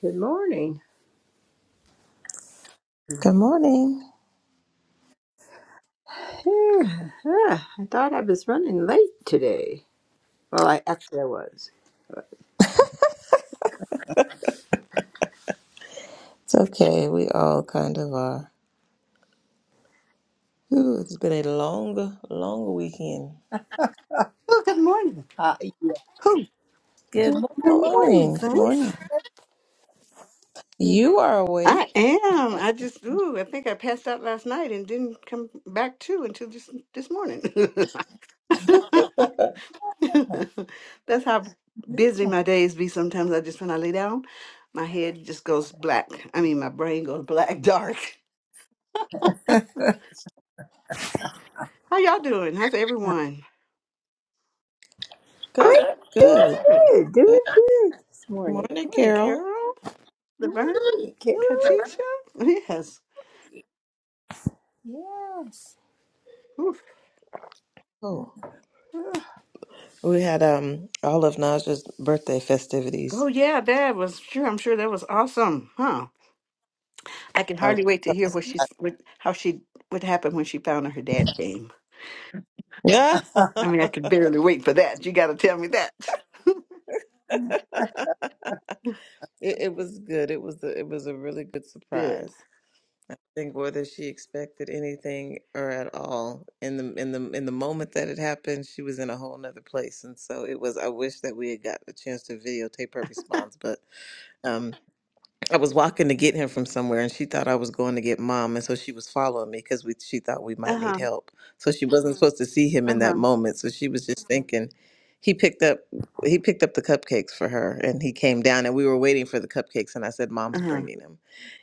Good morning. Good morning. Phew, ah, I thought I was running late today. Well, I actually I was. It's okay. We all kind of are. Ooh, it's been a long, long weekend. Oh, good morning. Uh, yeah. Who? Good Good Good morning, morning. Good Vince. morning. morning. You are I awake. am. I just ooh, I think I passed out last night and didn't come back to until this this morning. That's how busy my days be sometimes. I just when I lay down, my head just goes black. I mean my brain goes black dark. How y'all doing? How's Uh, everyone? I'm Good. Good. doing Good good, Good doing good this morning. morning, morning, Carol. Carol, Laverne, Hey, Carol. Katisha. Yes. Yes. Oof. Oh, we had um all of Naja's birthday Oh festivities. yeah, that was sure I'm sure that was awesome. huh? I can Oh. hardly wait to hear what she's what, how she what happened when she found out her dad came. Yeah. I mean, I could barely wait for that. You got to tell me that. it, it was good. It was a, it was a really good Good. surprise. think whether she expected anything or at all. In the in the in the moment that it happened, she was in a whole nother place, and so it was. I wish that we had gotten a chance to videotape her response, but um. I was walking to get him from somewhere, and she thought I was going to get mom, and so she was following me because we she thought we might Uh need huh. help. So she wasn't Mhm. supposed to see him Uh in that huh. moment. So she was just Mhm. thinking, he picked up he picked up the cupcakes for her, and he came down, and we were waiting for the cupcakes, and I said, Uh "Mom's huh. bringing them,"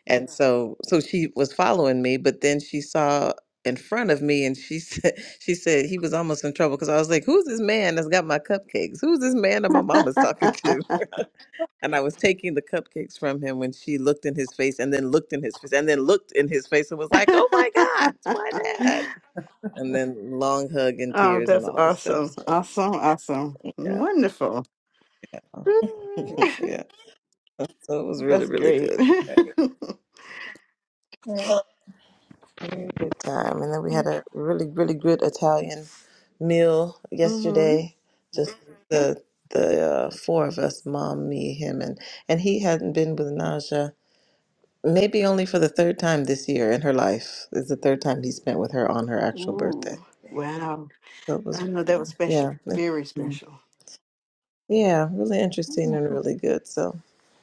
and Yeah. so so she was following me, but then she saw in front of me, and she said she said he was almost in trouble because I was like, "Who's this man that's got my cupcakes? Who's this man that my mom is talking to?" and I was taking the cupcakes from him when she looked in his face and then looked in his face and then looked in his face and was like, "Oh my God, it's my dad!" And then long hug and oh, tears and that's all the stuff. awesome! So Awesome! Awesome! yeah, Wonderful. yeah, Oh, yeah. So it was really, that's really great. good. Right. mm-hmm. Really good time. And then we Yeah. had a really, really good Italian meal yesterday. Just the the uh, four of us, mom, me, him, and and he hadn't been with Naja Maybe only for the third time this year in her life is the third time he spent with her on her actual birthday. Ooh. Wow. So it was, I know that was special. yeah, it- Very special. yeah, really interesting and really good. So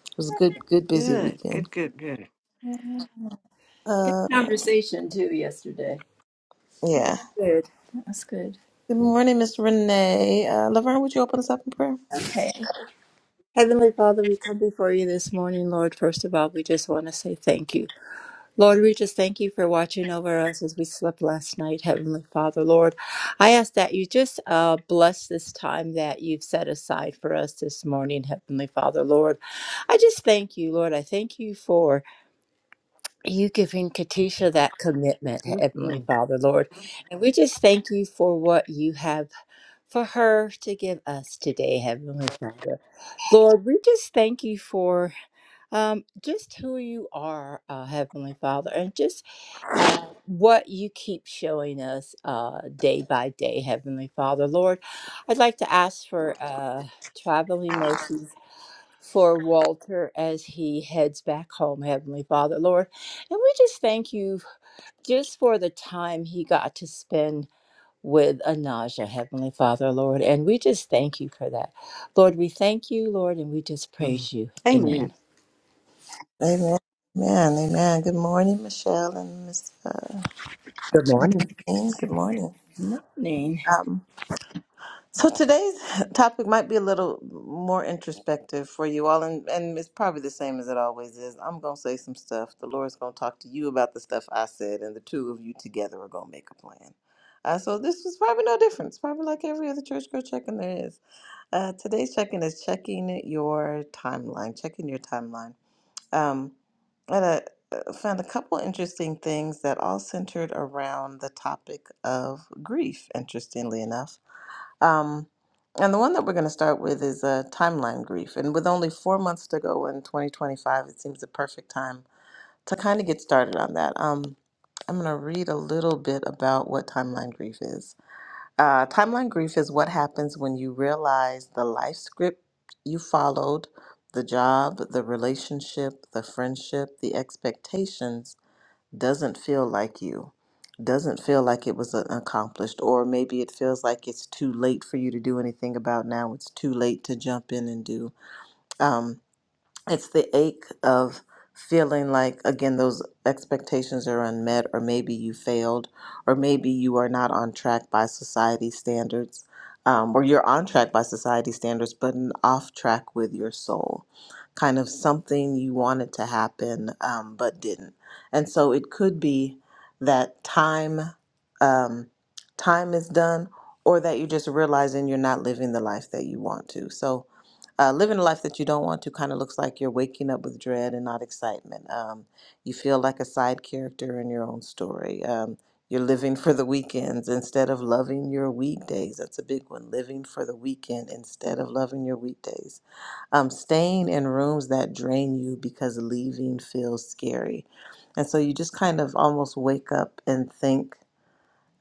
it was a good, good busy Good. weekend. Good. Good. Good. Uh, Conversation too yesterday. yeah. Good. That's good. Good morning, Miss Renee. Uh, Laverne, would you open us up in prayer? Okay. Heavenly Father, we come before you this morning, Lord. First of all, we just want to say thank you. Lord, we just thank you for watching over us as we slept last night, Heavenly Father. Lord, I ask that you just uh, bless this time that you've set aside for us this morning, Heavenly Father. Lord, I just thank you, Lord. I thank you for you giving Katisha that commitment, Mhm. Heavenly Father, Lord. And we just thank you for what you have for her to give us today, Heavenly Father. Lord, we just thank you for um, just who you are, uh, Heavenly Father, and just uh, what you keep showing us uh, day by day, Heavenly Father. Lord, I'd like to ask for uh, traveling mercies for Walter as he heads back home, Heavenly Father. Lord, and we just thank you just for the time he got to spend. With Anaja, Heavenly Father, Lord. And we just thank you for that. Lord, we thank you, Lord, and we just Mhm. praise you. Amen. Amen. Amen. Amen. Amen. Good morning, Michelle and Miss uh, Good morning. Jane. Good morning. Morning. So today's topic might be a little more introspective for you all, and, and it's probably the same as it always is. I'm going to say some stuff. The Lord's going to talk to you about the stuff I said, and the two of you together are going to make a plan. Uh, so this was probably no different. It's probably like every other church girl check-in there is. Uh, today's check-in is checking your timeline, checking your timeline. Um, and I uh, found a couple interesting things that all centered around the topic of grief, interestingly enough. Um, and the one that we're going to start with is uh, timeline grief. And with only four months to go in 2025, it seems the perfect time to kind of get started on that. Um, I'm going to read a little bit about what timeline grief is. Uh, timeline grief is what happens when you realize the life script you followed, the job, the relationship, the friendship, the expectations doesn't feel like you, doesn't feel like it was uh, accomplished, or maybe it feels like it's too late for you to do anything about now. It's too late to jump in and do. Um, it's the ache of feeling like again those expectations are unmet or maybe you failed or maybe you are not on track by society standards um, or you're on track by society standards but n- off track with your soul kind of something you wanted to happen um, but didn't and so it could be that time um, time is done or that you're just realizing you're not living the life that you want to so uh, living a life that you don't want to kind of looks like you're waking up with dread and not excitement. Um, you feel like a side character in your own story. Um, you're living for the weekends instead of loving your weekdays. That's a big one. Living for the weekend instead of loving your weekdays. Um, staying in rooms that drain you because leaving feels scary. And so you just kind of almost wake up and think,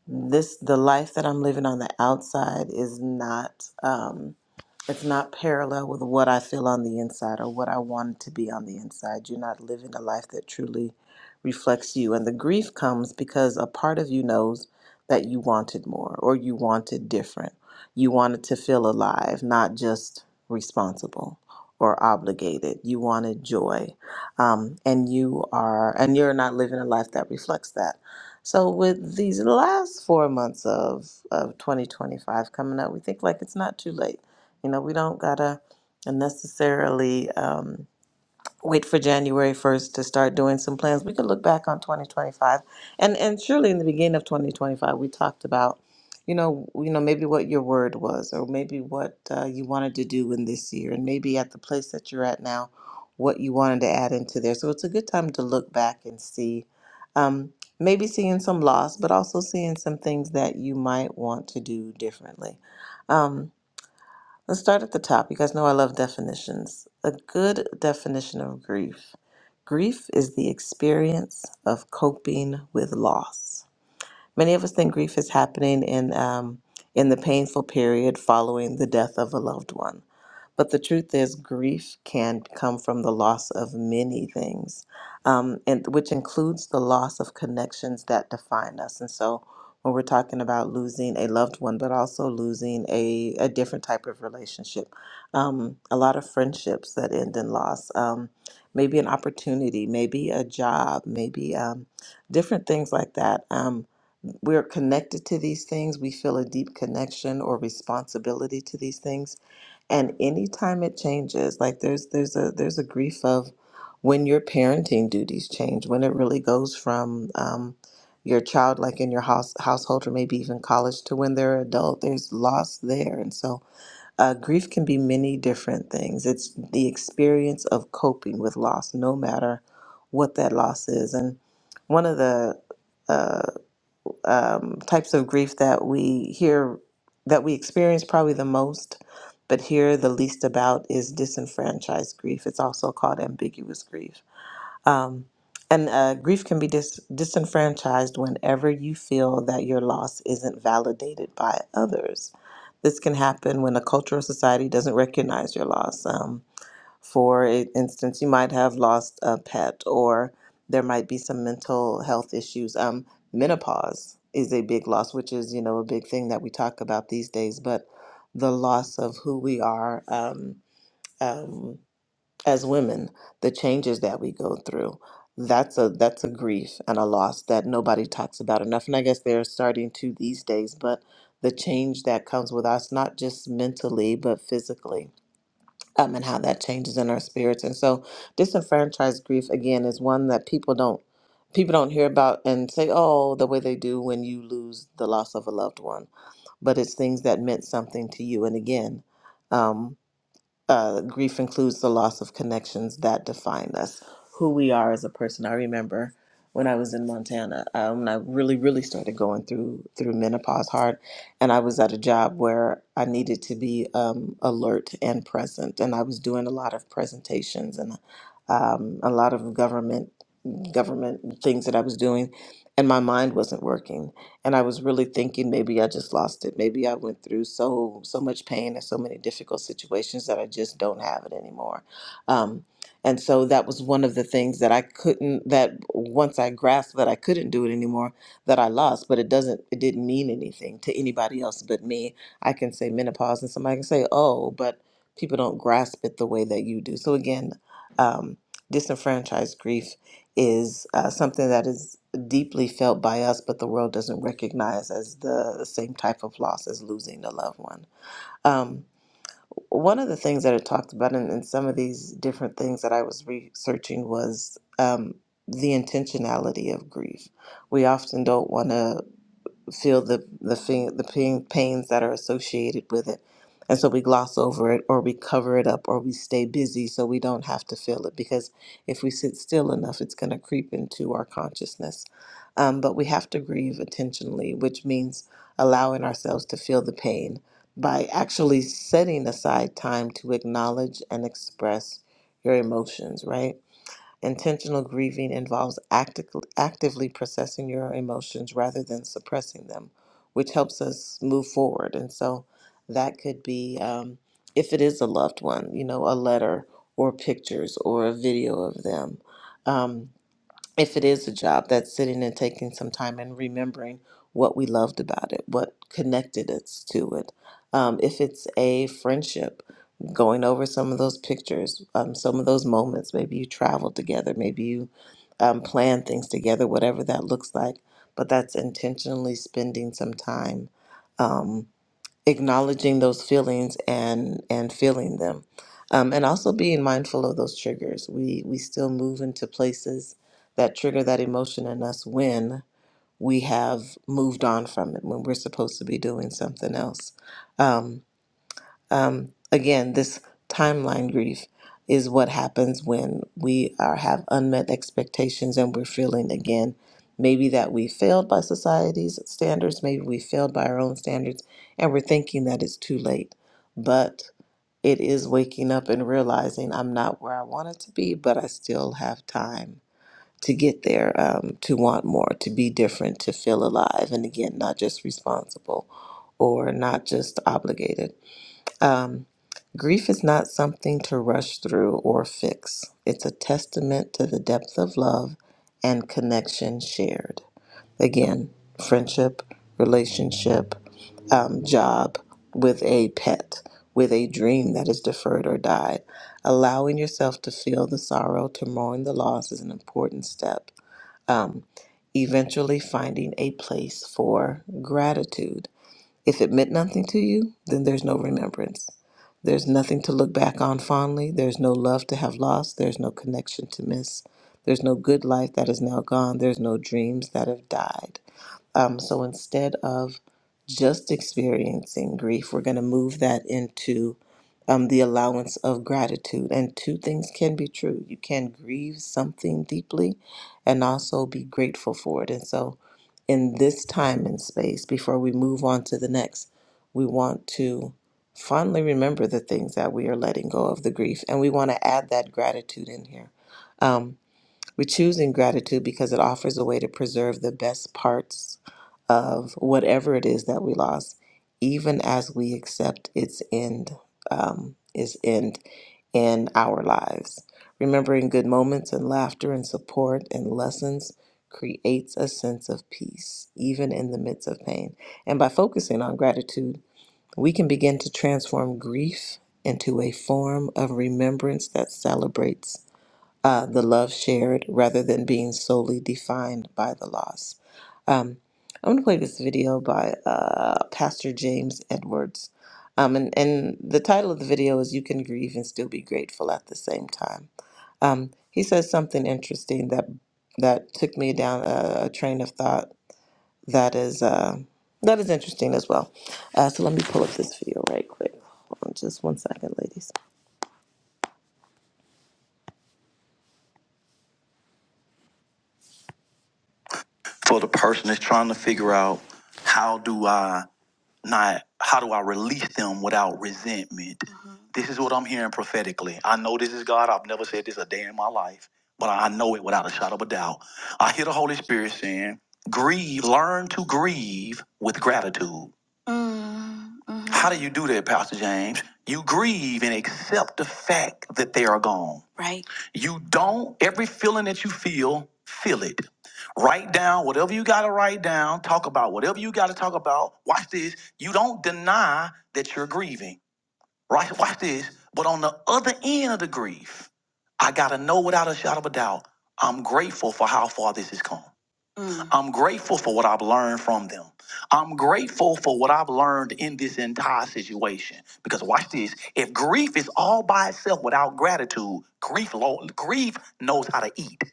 this, the life that I'm living on the outside is not. Um, it's not parallel with what I feel on the inside or what I want to be on the inside. You're not living a life that truly reflects you. And the grief comes because a part of you knows that you wanted more or you wanted different. You wanted to feel alive, not just responsible or obligated. You wanted joy. Um, and you are, and you're not living a life that reflects that. So with these last four months of, of 2025 coming up, we think like it's not too late you know, we don't gotta necessarily um, wait for January first to start doing some plans. We could look back on 2025, and and surely in the beginning of 2025, we talked about, you know, you know maybe what your word was, or maybe what uh, you wanted to do in this year, and maybe at the place that you're at now, what you wanted to add into there. So it's a good time to look back and see. Um, Maybe seeing some loss, but also seeing some things that you might want to do differently. Um, Let's start at the top. You guys know I love definitions. A good definition of grief grief is the experience of coping with loss. Many of us think grief is happening in, um, in the painful period following the death of a loved one. But the truth is, grief can come from the loss of many things, um, and which includes the loss of connections that define us. And so, when we're talking about losing a loved one, but also losing a, a different type of relationship, um, a lot of friendships that end in loss, um, maybe an opportunity, maybe a job, maybe um, different things like that. Um, we're connected to these things. We feel a deep connection or responsibility to these things and anytime it changes like there's there's a there's a grief of when your parenting duties change when it really goes from um, your child like in your house household or maybe even college to when they're adult there's loss there and so uh, grief can be many different things it's the experience of coping with loss no matter what that loss is and one of the uh, um, types of grief that we hear that we experience probably the most but hear the least about is disenfranchised grief it's also called ambiguous grief um, and uh, grief can be dis- disenfranchised whenever you feel that your loss isn't validated by others this can happen when a cultural society doesn't recognize your loss Um, for a- instance, you might have lost a pet, or there might be some mental health issues. Um, menopause is a big loss, which is you know a big thing that we talk about these days. But the loss of who we are um, um, as women, the changes that we go through, that's a that's a grief and a loss that nobody talks about enough. And I guess they're starting to these days. But the change that comes with us, not just mentally but physically um, and how that changes in our spirits. And so, disenfranchised grief again is one that people don't people don't hear about and say, "Oh, the way they do when you lose the loss of a loved one." But it's things that meant something to you. And again, um, uh, grief includes the loss of connections that define us, who we are as a person. I remember when I was in Montana, um, when I really, really started going through through menopause hard, and I was at a job where I needed to be um, alert and present, and I was doing a lot of presentations and um, a lot of government government things that I was doing, and my mind wasn't working and I was really thinking maybe I just lost it. Maybe I went through so so much pain and so many difficult situations that I just don't have it anymore. Um, and so that was one of the things that I couldn't. That once I grasped that I couldn't do it anymore, that I lost. But it doesn't. It didn't mean anything to anybody else but me. I can say menopause, and somebody can say, "Oh, but people don't grasp it the way that you do." So again, um, disenfranchised grief is uh, something that is deeply felt by us, but the world doesn't recognize as the same type of loss as losing a loved one. Um, one of the things that it talked about in, in some of these different things that I was researching was um, the intentionality of grief. We often don't want to feel the the thing, the pain, pains that are associated with it. And so we gloss over it or we cover it up or we stay busy so we don't have to feel it because if we sit still enough, it's going to creep into our consciousness. Um, but we have to grieve intentionally, which means allowing ourselves to feel the pain by actually setting aside time to acknowledge and express your emotions, right? Intentional grieving involves acti- actively processing your emotions rather than suppressing them, which helps us move forward. And so that could be, um, if it is a loved one, you know, a letter or pictures or a video of them. Um, if it is a job, that's sitting and taking some time and remembering what we loved about it, what connected us to it. Um, if it's a friendship, going over some of those pictures, um, some of those moments. Maybe you traveled together, maybe you um, plan things together, whatever that looks like. But that's intentionally spending some time Um, acknowledging those feelings and and feeling them um, and also being mindful of those triggers we we still move into places that trigger that emotion in us when we have moved on from it when we're supposed to be doing something else Um, um, again, this timeline grief is what happens when we are have unmet expectations and we're feeling again maybe that we failed by society's standards, maybe we failed by our own standards, and we're thinking that it's too late. But it is waking up and realizing I'm not where I wanted to be, but I still have time to get there, um, to want more, to be different, to feel alive, and again, not just responsible or not just obligated. Um, grief is not something to rush through or fix, it's a testament to the depth of love and connection shared. Again, friendship, relationship, um, job, with a pet, with a dream that is deferred or died. Allowing yourself to feel the sorrow, to mourn the loss is an important step. Um, eventually, finding a place for gratitude if it meant nothing to you, then there's no remembrance. There's nothing to look back on fondly. There's no love to have lost. There's no connection to miss. There's no good life that is now gone. There's no dreams that have died. Um, so instead of just experiencing grief. We're going to move that into um, the allowance of gratitude. And two things can be true you can grieve something deeply and also be grateful for it. And so, in this time and space, before we move on to the next, we want to fondly remember the things that we are letting go of the grief. And we want to add that gratitude in here. Um, we choose choosing gratitude because it offers a way to preserve the best parts of whatever it is that we lost, even as we accept its end, um, its end in our lives. Remembering good moments and laughter and support and lessons creates a sense of peace, even in the midst of pain. And by focusing on gratitude, we can begin to transform grief into a form of remembrance that celebrates uh, the love shared rather than being solely defined by the loss. Um, I'm going to play this video by uh, Pastor James Edwards. Um, and, and the title of the video is You Can Grieve and Still Be Grateful at the Same Time. Um, he says something interesting that that took me down a, a train of thought that is uh, that is interesting as well. Uh, so let me pull up this video right quick. Hold on just one second, ladies. For the person that's trying to figure out how do I not how do I release them without resentment. Mhm. This is what I'm hearing prophetically. I know this is God. I've never said this a day in my life, but I know it without a shadow of a doubt. I hear the Holy Spirit saying, "Grieve, learn to grieve with gratitude." Mm, mhm. How do you do that, Pastor James? You grieve and accept the fact that they are gone. Right. You don't, every feeling that you feel, feel it. Write down whatever you got to write down. Talk about whatever you got to talk about. Watch this. You don't deny that you're grieving, right? Watch this. But on the other end of the grief, I got to know without a shadow of a doubt, I'm grateful for how far this has come. Mm. I'm grateful for what I've learned from them. I'm grateful for what I've learned in this entire situation. Because watch this, if grief is all by itself without gratitude, grief lo- grief knows how to eat.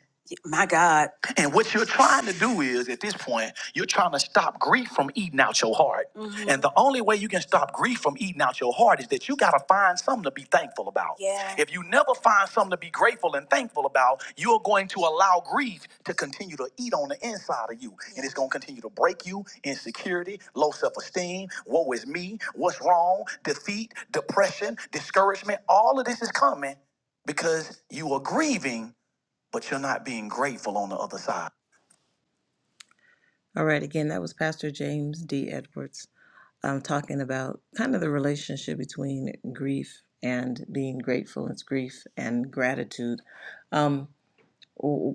My God. And what you're trying to do is, at this point, you're trying to stop grief from eating out your heart. Mhm. And the only way you can stop grief from eating out your heart is that you got to find something to be thankful about. Yeah. If you never find something to be grateful and thankful about, you're going to allow grief to continue to eat on the inside of you. And it's going to continue to break you insecurity, low self esteem, woe is me, what's wrong, defeat, depression, discouragement. All of this is coming because you are grieving, but you're not being grateful on the other side. All right, again, that was Pastor James D. Edwards um, talking about kind of the relationship between grief and being grateful. It's grief and gratitude. Um,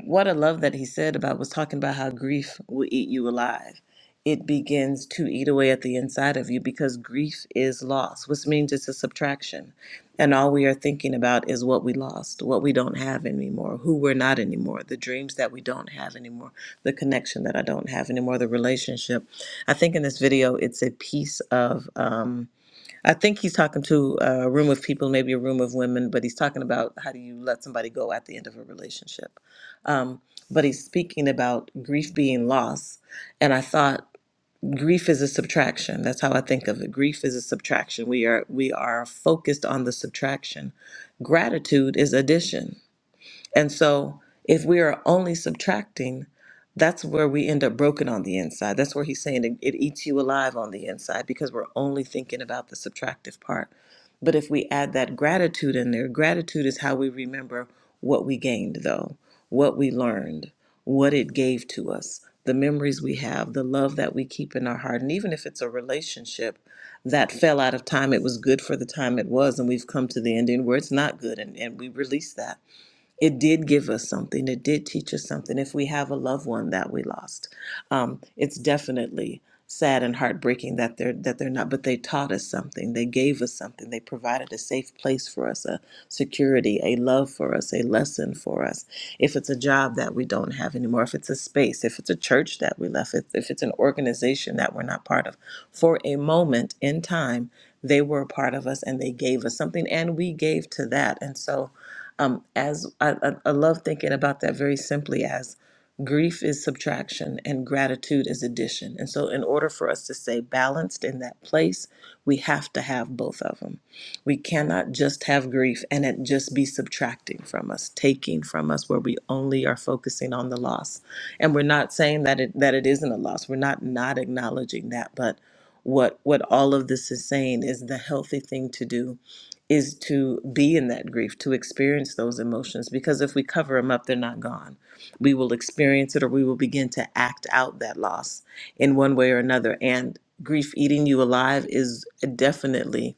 what I love that he said about was talking about how grief will eat you alive. It begins to eat away at the inside of you because grief is loss, which means it's a subtraction. And all we are thinking about is what we lost, what we don't have anymore, who we're not anymore, the dreams that we don't have anymore, the connection that I don't have anymore, the relationship. I think in this video, it's a piece of. um, I think he's talking to a room of people, maybe a room of women, but he's talking about how do you let somebody go at the end of a relationship. Um, but he's speaking about grief being loss. And I thought grief is a subtraction. That's how I think of it. Grief is a subtraction. We are we are focused on the subtraction. Gratitude is addition and so if we are only subtracting, that's where we end up broken on the inside. That's where he's saying it, it eats you alive on the inside because we're only thinking about the subtractive part. But if we add that gratitude in there, gratitude is how we remember what we gained, though, what we learned, what it gave to us, the memories we have, the love that we keep in our heart. And even if it's a relationship that fell out of time, it was good for the time it was, and we've come to the ending where it's not good, and, and we release that it did give us something. It did teach us something. If we have a loved one that we lost, um, it's definitely sad and heartbreaking that they're that they're not. But they taught us something. They gave us something. They provided a safe place for us, a security, a love for us, a lesson for us. If it's a job that we don't have anymore, if it's a space, if it's a church that we left, if, if it's an organization that we're not part of, for a moment in time, they were a part of us and they gave us something, and we gave to that. And so um, as I, I, I love thinking about that very simply as grief is subtraction and gratitude is addition. And so, in order for us to stay balanced in that place, we have to have both of them. We cannot just have grief and it just be subtracting from us, taking from us, where we only are focusing on the loss. And we're not saying that it that it isn't a loss. We're not not acknowledging that, but what what all of this is saying is the healthy thing to do is to be in that grief, to experience those emotions, because if we cover them up, they're not gone. We will experience it or we will begin to act out that loss in one way or another. And grief eating you alive is definitely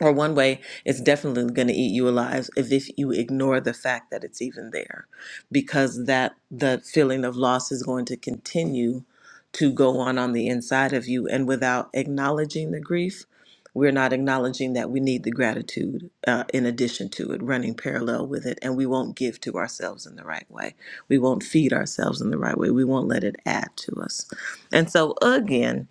or one way it's definitely going to eat you alive if, if you ignore the fact that it's even there because that that feeling of loss is going to continue to go on on the inside of you and without acknowledging the grief we're not acknowledging that we need the gratitude uh, in addition to it running parallel with it and we won't give to ourselves in the right way we won't feed ourselves in the right way we won't let it add to us and so again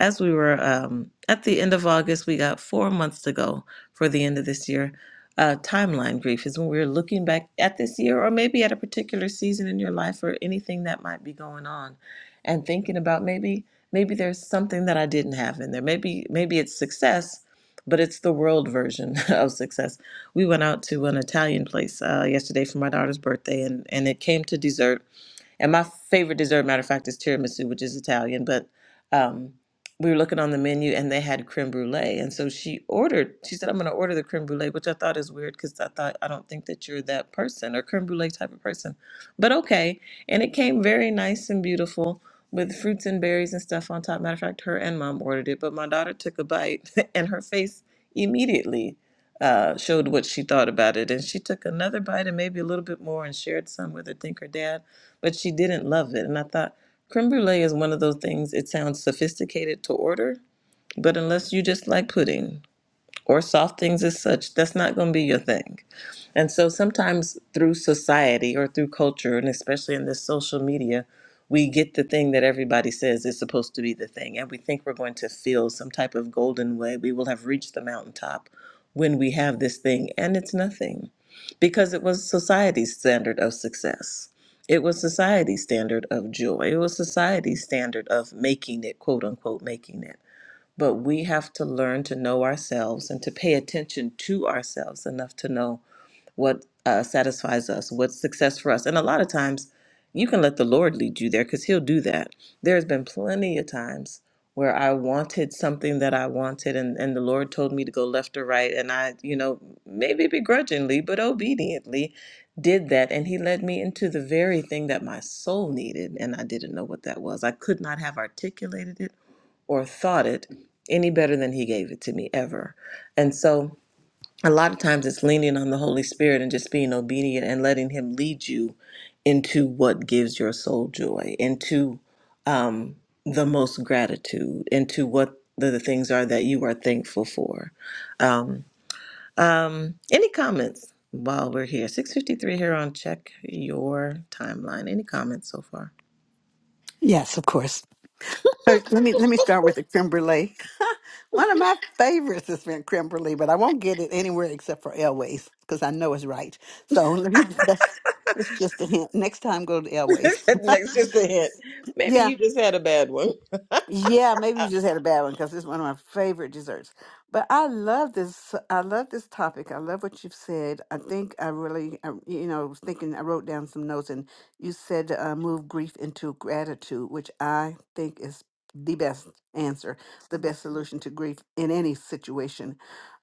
as we were um, at the end of August, we got four months to go for the end of this year. Uh, timeline grief is when we're looking back at this year or maybe at a particular season in your life or anything that might be going on and thinking about maybe maybe there's something that I didn't have in there. Maybe maybe it's success, but it's the world version of success. We went out to an Italian place uh, yesterday for my daughter's birthday and and it came to dessert and my favorite dessert, matter of fact, is tiramisu, which is Italian. But um, we were looking on the menu and they had creme brulee. And so she ordered, she said, I'm going to order the creme brulee, which I thought is weird because I thought, I don't think that you're that person or creme brulee type of person. But okay. And it came very nice and beautiful with fruits and berries and stuff on top. Matter of fact, her and mom ordered it. But my daughter took a bite and her face immediately uh, showed what she thought about it. And she took another bite and maybe a little bit more and shared some with, I think, her dad but she didn't love it. And I thought creme brulee is one of those things, it sounds sophisticated to order, but unless you just like pudding or soft things as such, that's not going to be your thing. And so sometimes through society or through culture, and especially in this social media, we get the thing that everybody says is supposed to be the thing. And we think we're going to feel some type of golden way. We will have reached the mountaintop when we have this thing. And it's nothing because it was society's standard of success. It was society's standard of joy. It was society's standard of making it, quote unquote, making it. But we have to learn to know ourselves and to pay attention to ourselves enough to know what uh, satisfies us, what's success for us. And a lot of times you can let the Lord lead you there because He'll do that. There's been plenty of times where I wanted something that I wanted and, and the Lord told me to go left or right. And I, you know, maybe begrudgingly, but obediently did that. And He led me into the very thing that my soul needed. And I didn't know what that was. I could not have articulated it or thought it any better than He gave it to me ever. And so, a lot of times it's leaning on the Holy Spirit and just being obedient and letting Him lead you into what gives your soul joy, into um, the most gratitude, into what the, the things are that you are thankful for. Um, um, any comments while we're here? 653 here on Check Your Timeline. Any comments so far? Yes, of course. Sir, Let me let me start with the creme brulee. One of my favorites has been creme brulee, but I won't get it anywhere except for Elways because I know it's right. So let me. That's, that's just a hint. Next time, go to Elways. Next, just a hint. Yeah, Maybe you just had a bad one. Yeah, maybe you just had a bad one because it's one of my favorite desserts. But I love this. I love this topic. I love what you've said. I think I really, I, you know, was thinking. I wrote down some notes, and you said uh, move grief into gratitude, which I think is the best answer, the Right. best solution to grief in any situation.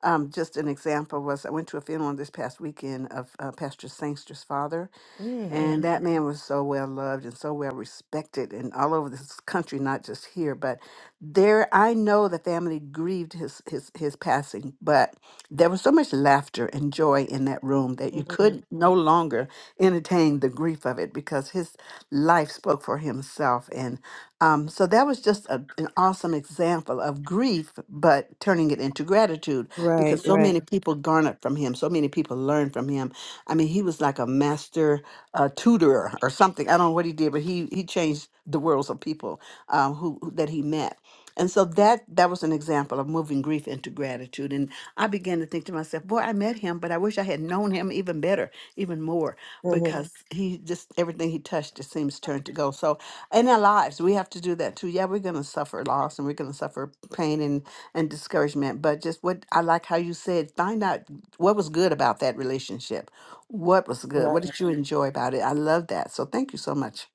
Um, just an example was I went to a funeral this past weekend of uh, Pastor Sangster's father, Mm, and that man was so well loved and so well respected and all over this country, not just here, but there I know the family grieved his his his passing, but there was so much laughter and joy in that room that mm, you mm. could no longer entertain the grief of it because his life spoke for himself. And um, so that was just a, an awesome example of grief, but turning it into gratitude Right, because so right. many people garnered from him. So many people learned from him. I mean, he was like a master uh, tutorer or something. I don't know what he did, but he, he changed the worlds of people um, who who- that he met. And so that that was an example of moving grief into gratitude. And I began to think to myself, boy, I met him, but I wish I had known him even better, even more, hmm because he just everything he touched it seems turned to gold. So in our lives, we have to do that too. Yeah, we're gonna suffer loss and we're gonna suffer pain and, and discouragement. But just what I like how you said, find out what was good about that relationship. What was good? What Right. did you enjoy about it? I love that. So thank you so much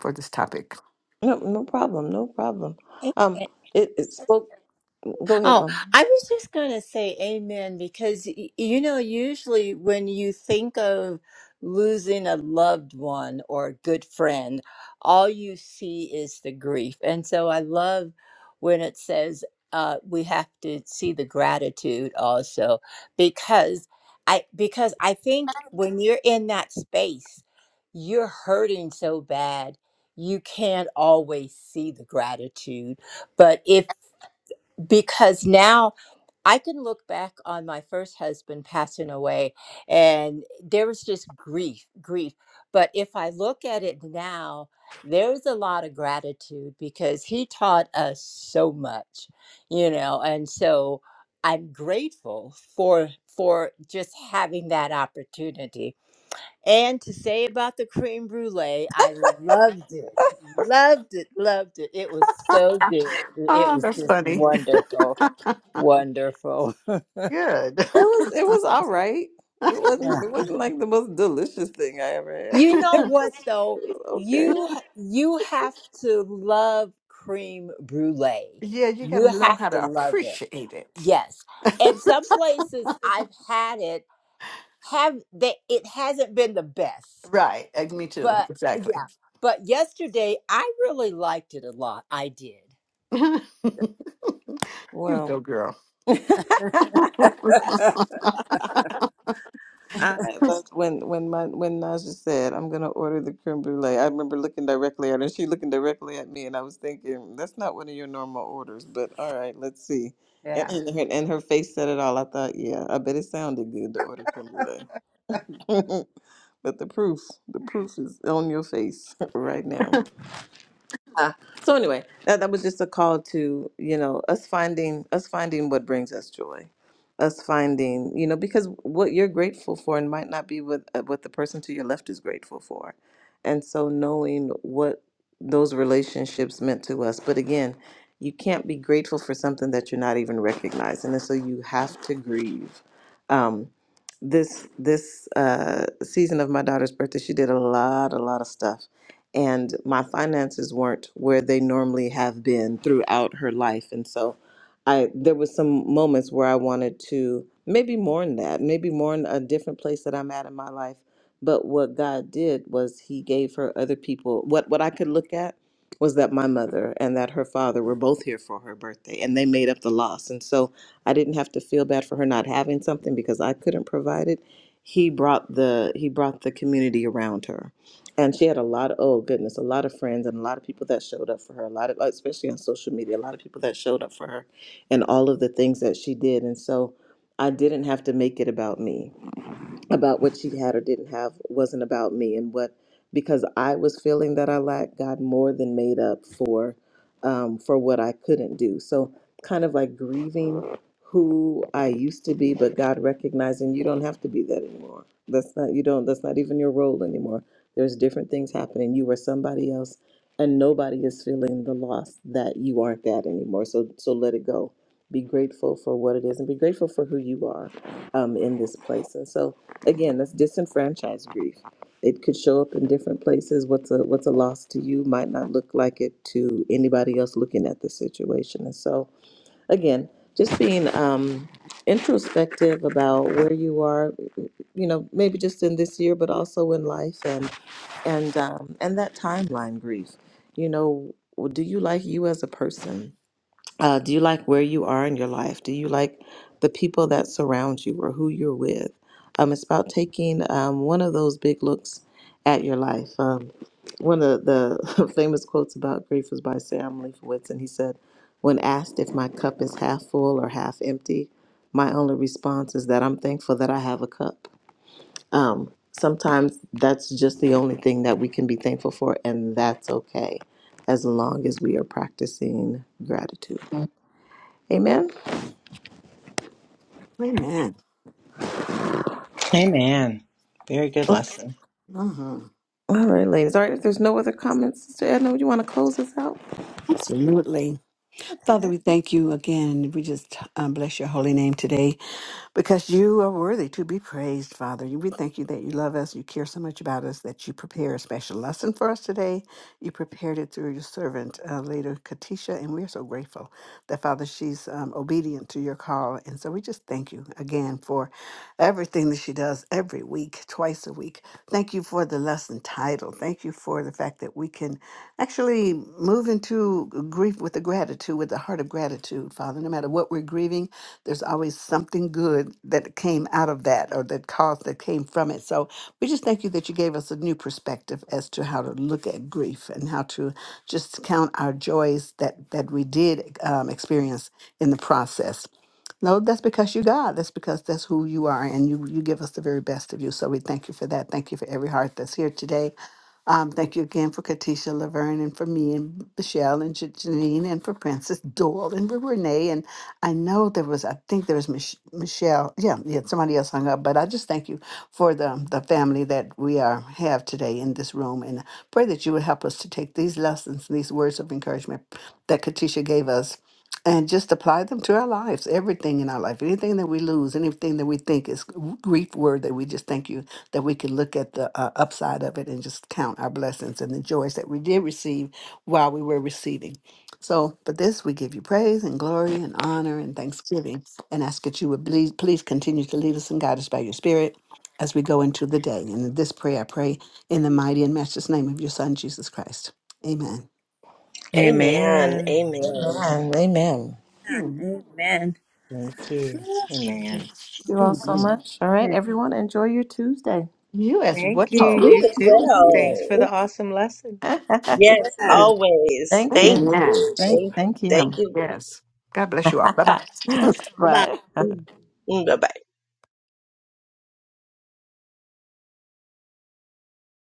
for this topic. No, no problem. No problem. Um, it, it spoke. Go ahead, Oh, Mom. I was just going to say amen because, y- you know, usually when you think of losing a loved one or a good friend, all you see is the grief. And so I love when it says uh, we have to see the gratitude also because I because I think when you're in that space, you're hurting so bad, you can't always see the gratitude. But if because now I can look back on my first husband passing away, and there was just grief, grief. But if I look at it now, there's a lot of gratitude because he taught us so much, you know, and so I'm grateful for for just having that opportunity. And to say about the cream brulee, I loved it, loved it, loved it. It was so good. It Oh, was that's just funny. wonderful, wonderful. Good. It was. It was all right. It Yeah. wasn't. It wasn't like the most delicious thing I ever had. You know It what was, though? it was okay. You you have to love cream brulee. Yeah, you got You to learn have how to to love it. appreciate it. Yes. At some places I've had it have that it hasn't been the best. Right. uh, Me too. But Exactly. yeah. But yesterday I really liked it a lot. I did. you go, Well. girl. I loved when when my when Naja said, "I'm gonna order the creme brulee." I remember looking directly at her, and she looking directly at me, and I was thinking, "That's not one of your normal orders." But all right, let's see. And Yeah. and her, and her face said it all. I thought, yeah, I bet it sounded good to order creme brulee. but the proof, the proof is on your face right now. Uh, so anyway, that, that was just a call to you know us finding us finding what brings us joy, us finding you know because what you're grateful for and might not be what uh, what the person to your left is grateful for, and so knowing what those relationships meant to us. But again, you can't be grateful for something that you're not even recognizing, and so you have to grieve. Um, this this uh, season of my daughter's birthday, she did a lot a lot of stuff and my finances weren't where they normally have been throughout her life and so i there was some moments where i wanted to maybe mourn that maybe mourn a different place that i'm at in my life but what god did was he gave her other people what what i could look at was that my mother and that her father were both here for her birthday and they made up the loss and so i didn't have to feel bad for her not having something because i couldn't provide it he brought the he brought the community around her and she had a lot of oh goodness a lot of friends and a lot of people that showed up for her a lot of especially on social media a lot of people that showed up for her and all of the things that she did and so i didn't have to make it about me about what she had or didn't have wasn't about me and what because i was feeling that i lacked god more than made up for um, for what i couldn't do so kind of like grieving who i used to be but god recognizing you don't have to be that anymore that's not you don't that's not even your role anymore there's different things happening you are somebody else and nobody is feeling the loss that you aren't that anymore so so let it go be grateful for what it is and be grateful for who you are um, in this place and so again that's disenfranchised grief it could show up in different places what's a what's a loss to you might not look like it to anybody else looking at the situation and so again just being um introspective about where you are you know maybe just in this year but also in life and and um and that timeline grief you know do you like you as a person uh, do you like where you are in your life? Do you like the people that surround you or who you're with? Um, it's about taking um, one of those big looks at your life. Um, one of the famous quotes about grief was by Sam Leifowitz, and he said, When asked if my cup is half full or half empty, my only response is that I'm thankful that I have a cup. Um, sometimes that's just the only thing that we can be thankful for, and that's okay as long as we are practicing gratitude. Amen. Amen. Amen. Very good lesson. Mhm. All right, ladies. All right, if there's no other comments, Sister Edna, would you want to close us out? Absolutely. Father, we thank you again. We just um, bless your holy name today. because you are worthy to be praised, Father. We thank you that you love us, you care so much about us, that you prepare a special lesson for us today. You prepared it through your servant, uh, later Katisha, and we are so grateful that, Father, she's um, obedient to your call. And so we just thank you again for everything that she does every week, twice a week. Thank you for the lesson title. Thank you for the fact fact that we can actually move into grief with a gratitude, with a heart of gratitude, Father. No matter what we're grieving, there's always something good that came out of that or that caused that came from it. So we just thank you that you gave us a new perspective as to how to look at grief and how to just count our joys that that we did um, experience in the process. No, that's because you're God. That's because that's who you are, and you you give us the very best of you. So we thank you for that. Thank you for every heart that's here today. Um, thank you again for Katisha Laverne and for me and Michelle and Ja- Janine and for Princess Doyle and for Renee. And I know there was, I think there was Mich- Michelle. Yeah, yeah, somebody else hung up. But I just thank you for the, the family that we are have today in this room. And pray that you would help us to take these lessons, these words of encouragement that Katisha gave us and just apply them to our lives everything in our life anything that we lose anything that we think is w- grief word that we just thank you that we can look at the uh, upside of it and just count our blessings and the joys that we did receive while we were receiving so for this we give you praise and glory and honor and thanksgiving and ask that you would please, please continue to lead us and guide us by your spirit as we go into the day and in this prayer i pray in the mighty and matchless name of your son jesus christ amen Amen. Amen. Amen. Amen. Amen. Thank Amen. Thank you. Amen. you all so much. All right, Amen. everyone, enjoy your Tuesday. You as Thank you. well. You You as too. Thanks for well. the awesome lesson. thank Yes, Yes. always. you. Thank Amen. you. Thank, Thank, thank you. thank you. Yes. God bless you all. Bye bye. Bye-bye. Bye. Bye bye.